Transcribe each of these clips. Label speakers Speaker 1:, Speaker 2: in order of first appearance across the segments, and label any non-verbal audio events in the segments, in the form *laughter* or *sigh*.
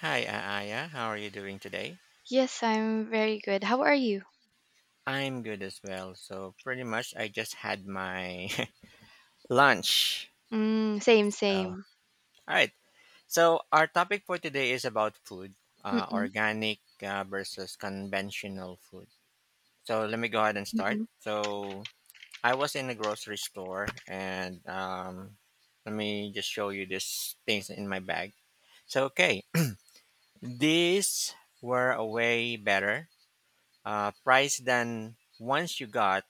Speaker 1: Hi, Aaya. How are you doing today?
Speaker 2: Yes, I'm very good. How are you?
Speaker 1: I'm good as well. So pretty much I just had my *laughs* lunch.
Speaker 2: Mm, same,
Speaker 1: So all
Speaker 2: same.
Speaker 1: right. So our topic for today is about food,
Speaker 2: Mm-mm,
Speaker 1: organic versus conventional food. So let me go ahead and start.
Speaker 2: mm-mm.
Speaker 1: So I was in a grocery store and let me just show you these things in my bag. So okay, *clears throat* these were way better price than once you got.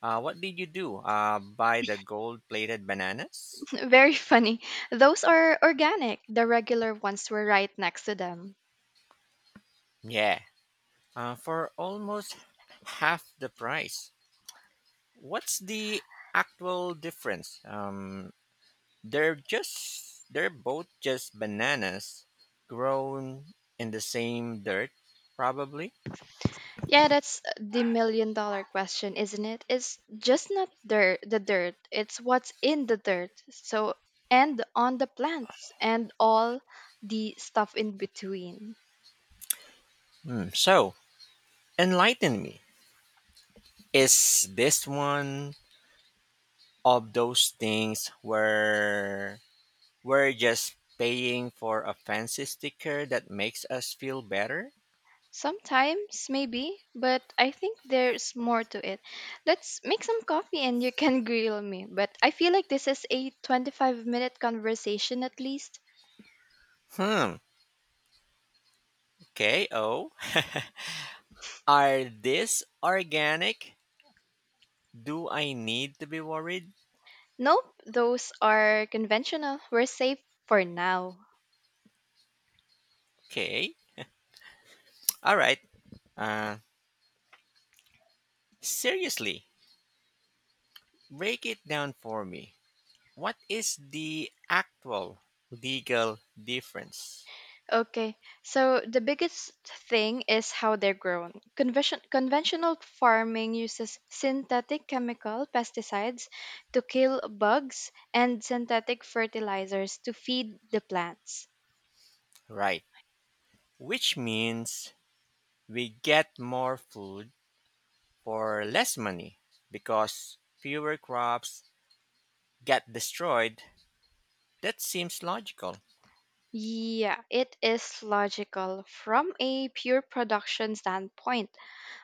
Speaker 1: What did you do? Buy the gold plated bananas?
Speaker 2: *laughs* Very funny. Those are organic. The regular ones were right next to them.
Speaker 1: Yeah, for almost half the price. What's the actual difference? They're both just bananas grown in the same dirt, probably.
Speaker 2: Yeah, that's the million dollar question, isn't it? It's just not dirt, the dirt. It's what's in the dirt. So, and on the plants and all the stuff in between.
Speaker 1: Hmm. So, enlighten me. Is this one of those things where we're just paying for a fancy sticker that makes us feel better?
Speaker 2: Sometimes, maybe, but I think there's more to it. Let's make some coffee and you can *laughs* grill me. But I feel like this is a 25-minute conversation at least.
Speaker 1: Hmm. Okay. Oh, *laughs* are these organic? Do I need to be worried?
Speaker 2: Nope, those are conventional. We're safe for now.
Speaker 1: Okay. All right. Uh, seriously, break it down for me. What is the actual legal difference?
Speaker 2: Okay, so the biggest thing is how they're grown. Conventional farming uses synthetic chemical pesticides to kill bugs and synthetic fertilizers to feed the plants.
Speaker 1: Right. Which means we get more food for less money because fewer crops get destroyed. That seems logical,
Speaker 2: Yeah, it is logical from a pure production standpoint,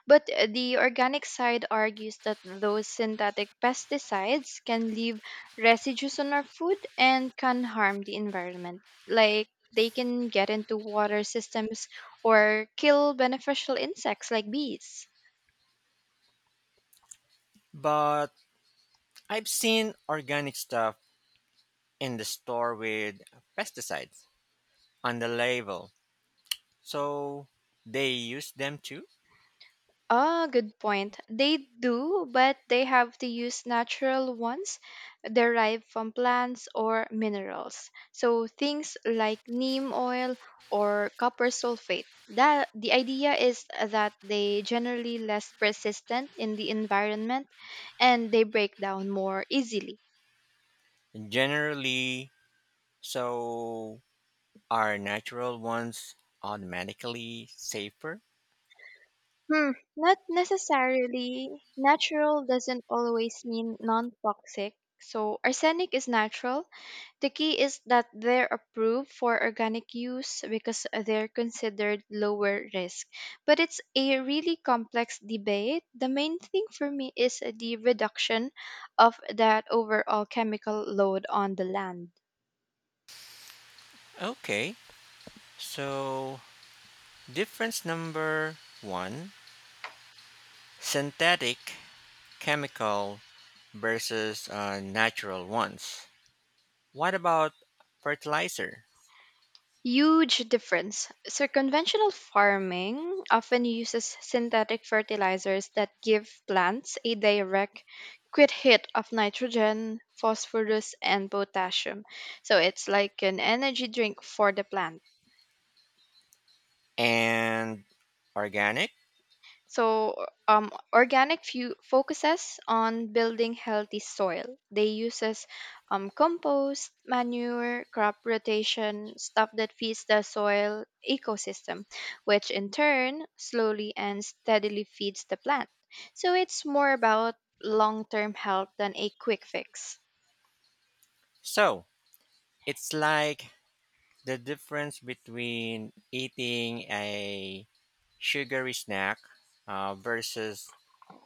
Speaker 2: but the organic side argues that those synthetic pesticides can leave residues on our food and can harm the environment. Like they can get into water systems or kill beneficial insects like bees.
Speaker 1: but I've seen organic stuff in the store with pesticides on the label. So they use them too?
Speaker 2: Ah, good point. They do, but they have to use natural ones derived from plants or minerals. So things like neem oil or copper sulfate. That the idea is that they generally less persistent in the environment and they break down more easily.
Speaker 1: Generally, so are natural ones automatically safer?
Speaker 2: Hmm, not necessarily. Natural doesn't always mean non-toxic. So arsenic is natural. The key is that they're approved for organic use because they're considered lower risk. But it's a really complex debate. The main thing for me is the reduction of that overall chemical load on the land.
Speaker 1: Okay, so difference number one, synthetic chemical versus natural ones. What about fertilizer?
Speaker 2: Huge difference. So conventional farming often uses synthetic fertilizers that give plants a direct quick hit of nitrogen, phosphorus, and potassium. So it's like an energy drink for the plant.
Speaker 1: And organic.
Speaker 2: So, organic focuses on building healthy soil. They uses compost, manure, crop rotation, stuff that feeds the soil ecosystem, which in turn slowly and steadily feeds the plant. So it's more about long-term health than a quick fix.
Speaker 1: So it's like the difference between eating a sugary snack versus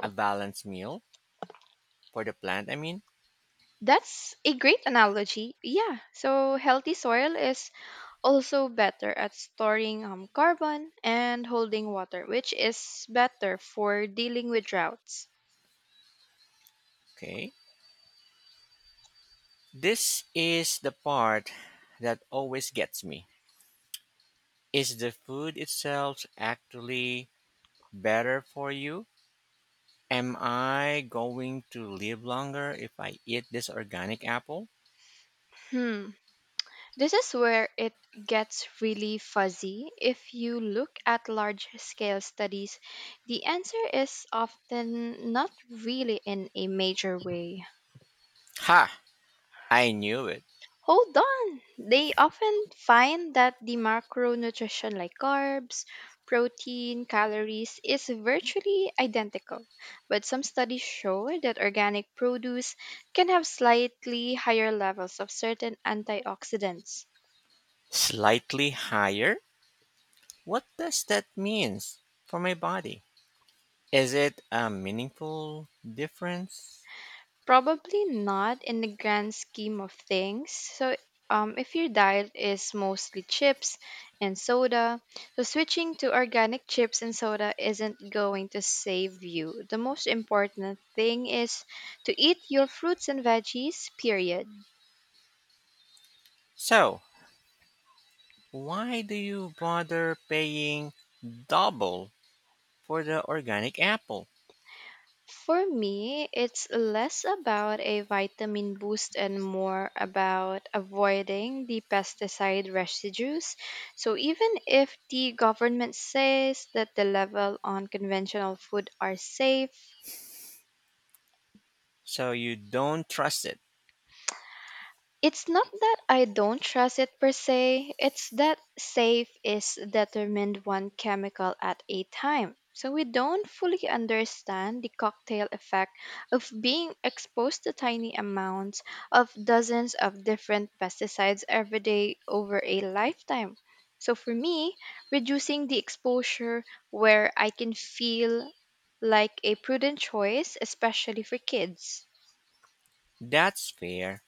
Speaker 1: a balanced meal for the plant. I mean,
Speaker 2: That's a great analogy. Yeah. So healthy soil is also better at storing carbon and holding water, which is better for dealing with droughts.
Speaker 1: okay. This is the part that always gets me. Is the food itself actually better for you? Am I going to live longer if I eat this organic apple?
Speaker 2: Hmm. This is where it gets really fuzzy. If you look at large scale studies, the answer is often not really in a major way.
Speaker 1: Ha! I knew it.
Speaker 2: Hold on! They often find that the macronutrition like carbs, protein, calories is virtually identical. But some studies show that organic produce can have slightly higher levels of certain antioxidants.
Speaker 1: Slightly higher. What does that means for my body? Is it a meaningful difference?
Speaker 2: Probably not in the grand scheme of things. So, if your diet is mostly chips and soda, so switching to organic chips and soda isn't going to save you. The most important thing is to eat your fruits and veggies, period.
Speaker 1: So, why do you bother paying double for the organic apple?
Speaker 2: For me, it's less about a vitamin boost and more about avoiding the pesticide residues. So, even if the government says that the level on conventional food are safe,
Speaker 1: So you don't trust it.
Speaker 2: it's not that I don't trust it per se, it's that safe is determined one chemical at a time. So we don't fully understand the cocktail effect of being exposed to tiny amounts of dozens of different pesticides every day over a lifetime. So for me, reducing the exposure where I can feel like a prudent choice, especially for kids.
Speaker 1: That's fair.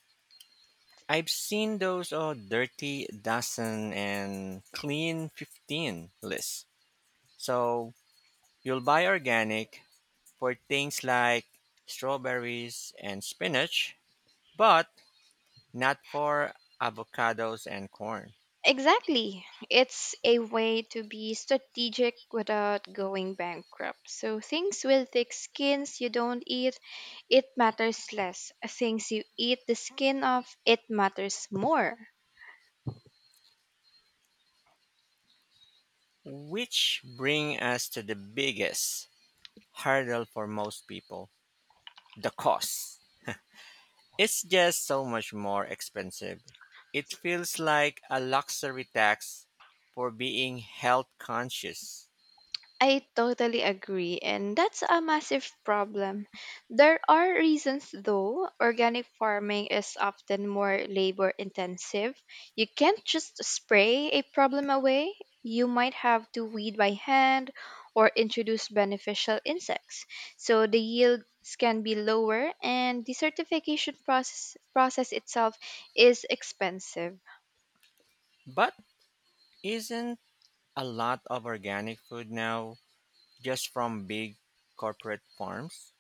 Speaker 1: I've seen those dirty dozen and clean 15 lists. So you'll buy organic for things like strawberries and spinach, but not for avocados and corn.
Speaker 2: Exactly. It's a way to be strategic without going bankrupt. So things with thick skins you don't eat, it matters less. Things you eat the skin of, it matters more.
Speaker 1: Which bring us to the biggest hurdle for most people, the cost. It's just so much more expensive. It feels like a luxury tax for being health conscious.
Speaker 2: I totally agree, and that's a massive problem. There are reasons though. Organic farming is often more labor intensive. You can't just spray a problem away. You might have to weed by hand or introduce beneficial insects. So the yields can be lower and the certification process itself is expensive.
Speaker 1: But isn't a lot of organic food now just from big corporate farms?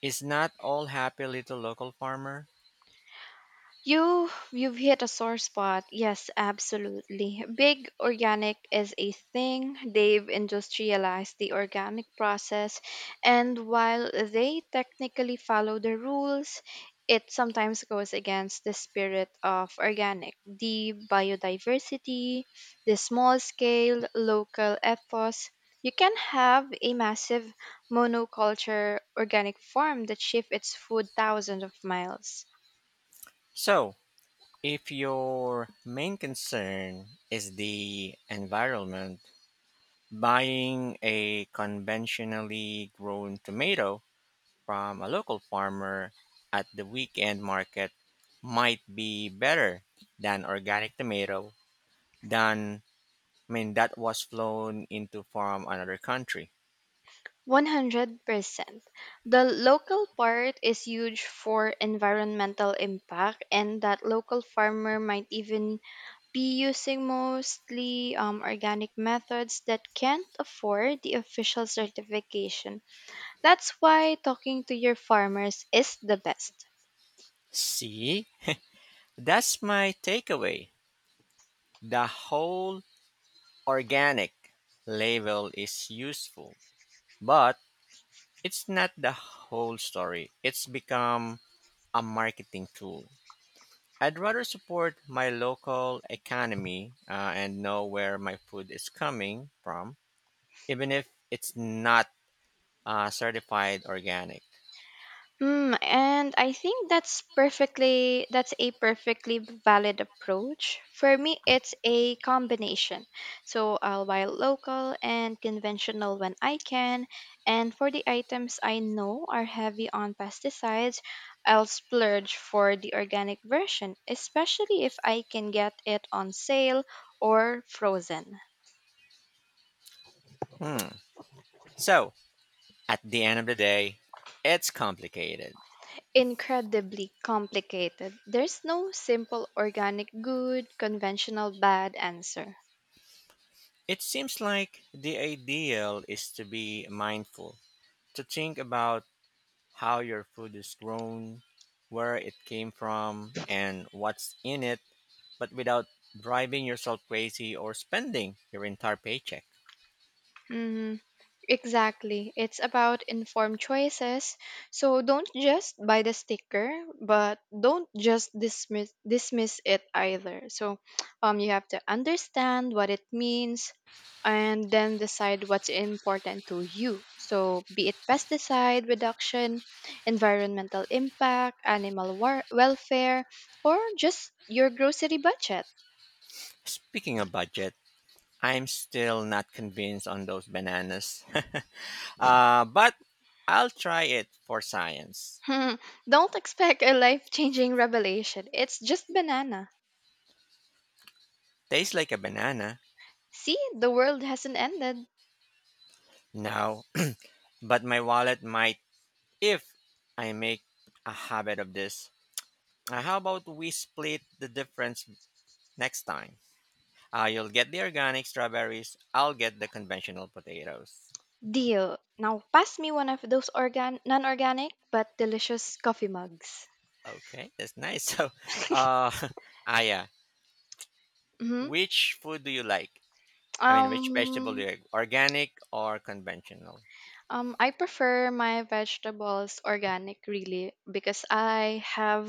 Speaker 1: Is not all happy little local farmer?
Speaker 2: You've hit a sore spot. Yes, absolutely. Big organic is a thing. They've industrialized the organic process, and while they technically follow the rules, it sometimes goes against the spirit of organic, the biodiversity, the small scale local ethos. You can have a massive monoculture organic farm that shifts its food thousands of miles.
Speaker 1: So, if your main concern is the environment, buying a conventionally grown tomato from a local farmer at the weekend market might be better than organic tomato than, I mean, that was flown into from another country.
Speaker 2: 100%. The local part is huge for environmental impact, and that local farmer might even be using mostly organic methods that can't afford the official certification. That's why talking to your farmers is the best.
Speaker 1: See, that's my takeaway. The whole organic label is useful, but it's not the whole story. It's become a marketing tool. I'd rather support my local economy and know where my food is coming from, even if it's not certified organic.
Speaker 2: Mm, and I think that's a perfectly valid approach. For me, it's a combination. So I'll buy local and conventional when I can, and for the items I know are heavy on pesticides, I'll splurge for the organic version, especially if I can get it on sale or frozen.
Speaker 1: Hmm. So, at the end of the day, it's complicated.
Speaker 2: Incredibly complicated. There's no simple organic good, conventional bad answer.
Speaker 1: It seems like the ideal is to be mindful, to think about how your food is grown, where it came from, and what's in it, but without driving yourself crazy or spending your entire paycheck.
Speaker 2: Mm-hmm. Exactly. It's about informed choices. So don't just buy the sticker, but don't just dismiss it either. So *tsk* you have to understand what it means and then decide what's important to you. So be it pesticide reduction, environmental impact, welfare, or just your grocery budget.
Speaker 1: Speaking of budget, I'm still not convinced on those bananas. *laughs* But I'll try it for science.
Speaker 2: *laughs* Don't expect a life-changing revelation. It's just banana.
Speaker 1: Tastes like a banana
Speaker 2: See, the world hasn't ended.
Speaker 1: now, but my wallet might if I make a habit of this. How about we split the difference next time? You'll get the organic strawberries, I'll get the conventional potatoes.
Speaker 2: Deal. Now pass me one of those organ non-organic but delicious coffee mugs.
Speaker 1: Okay, that's nice. *laughs* So, uh, *laughs* Aya,
Speaker 2: Hmm.
Speaker 1: which food do you like? I mean, which vegetable do you
Speaker 2: Um,
Speaker 1: like? Organic or conventional?
Speaker 2: I prefer my vegetables organic really because I have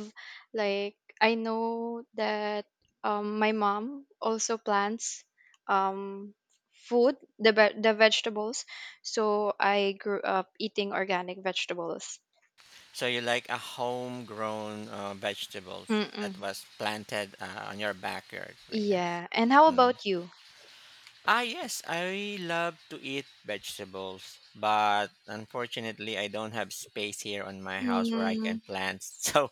Speaker 2: like I know that my mom also plants um food the vegetables, so I grew up eating organic vegetables.
Speaker 1: So you like a homegrown vegetables that
Speaker 2: Mm-mm.
Speaker 1: was planted on your backyard, like that.
Speaker 2: Yeah. And how
Speaker 1: Mm.
Speaker 2: about you?
Speaker 1: Ah, yes, I love to eat vegetables, but unfortunately, I don't have space here on my house where I can
Speaker 2: Mm.
Speaker 1: plant. *laughs* So,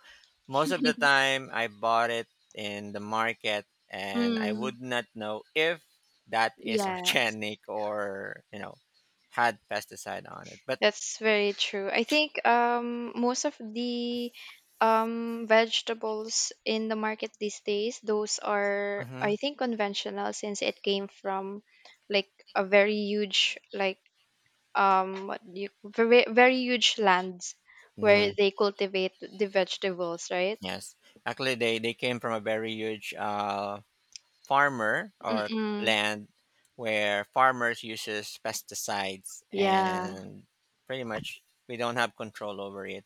Speaker 1: most of the
Speaker 2: *laughs*
Speaker 1: time, I bought it in the market, and I
Speaker 2: Mm.
Speaker 1: would not know if that is *laughs*
Speaker 2: Yes,
Speaker 1: organic or you know had pesticide on it. But
Speaker 2: that's very true. I think most of the vegetables in the market these days, those are
Speaker 1: mm-hmm,
Speaker 2: I think conventional since it came from like a very huge like what do you very very huge lands where
Speaker 1: mm-hmm,
Speaker 2: they cultivate the vegetables, right?
Speaker 1: yes, actually, they came from a very huge farmer or
Speaker 2: Mm-mm.
Speaker 1: land where farmers uses pesticides
Speaker 2: Yeah,
Speaker 1: and pretty much we don't have control over it.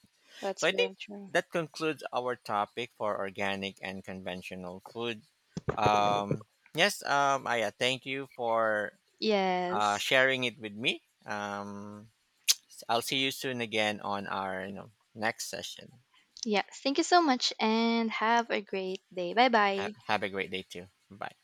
Speaker 1: So
Speaker 2: that's
Speaker 1: I think
Speaker 2: very true.
Speaker 1: that concludes our topic for organic and conventional food. Um, yes, Aya, thank you for
Speaker 2: Yes.
Speaker 1: sharing it with me. I'll see you soon again on our next session.
Speaker 2: Yes, thank you so much and have a great day. Bye bye.
Speaker 1: Have a great day too. Bye.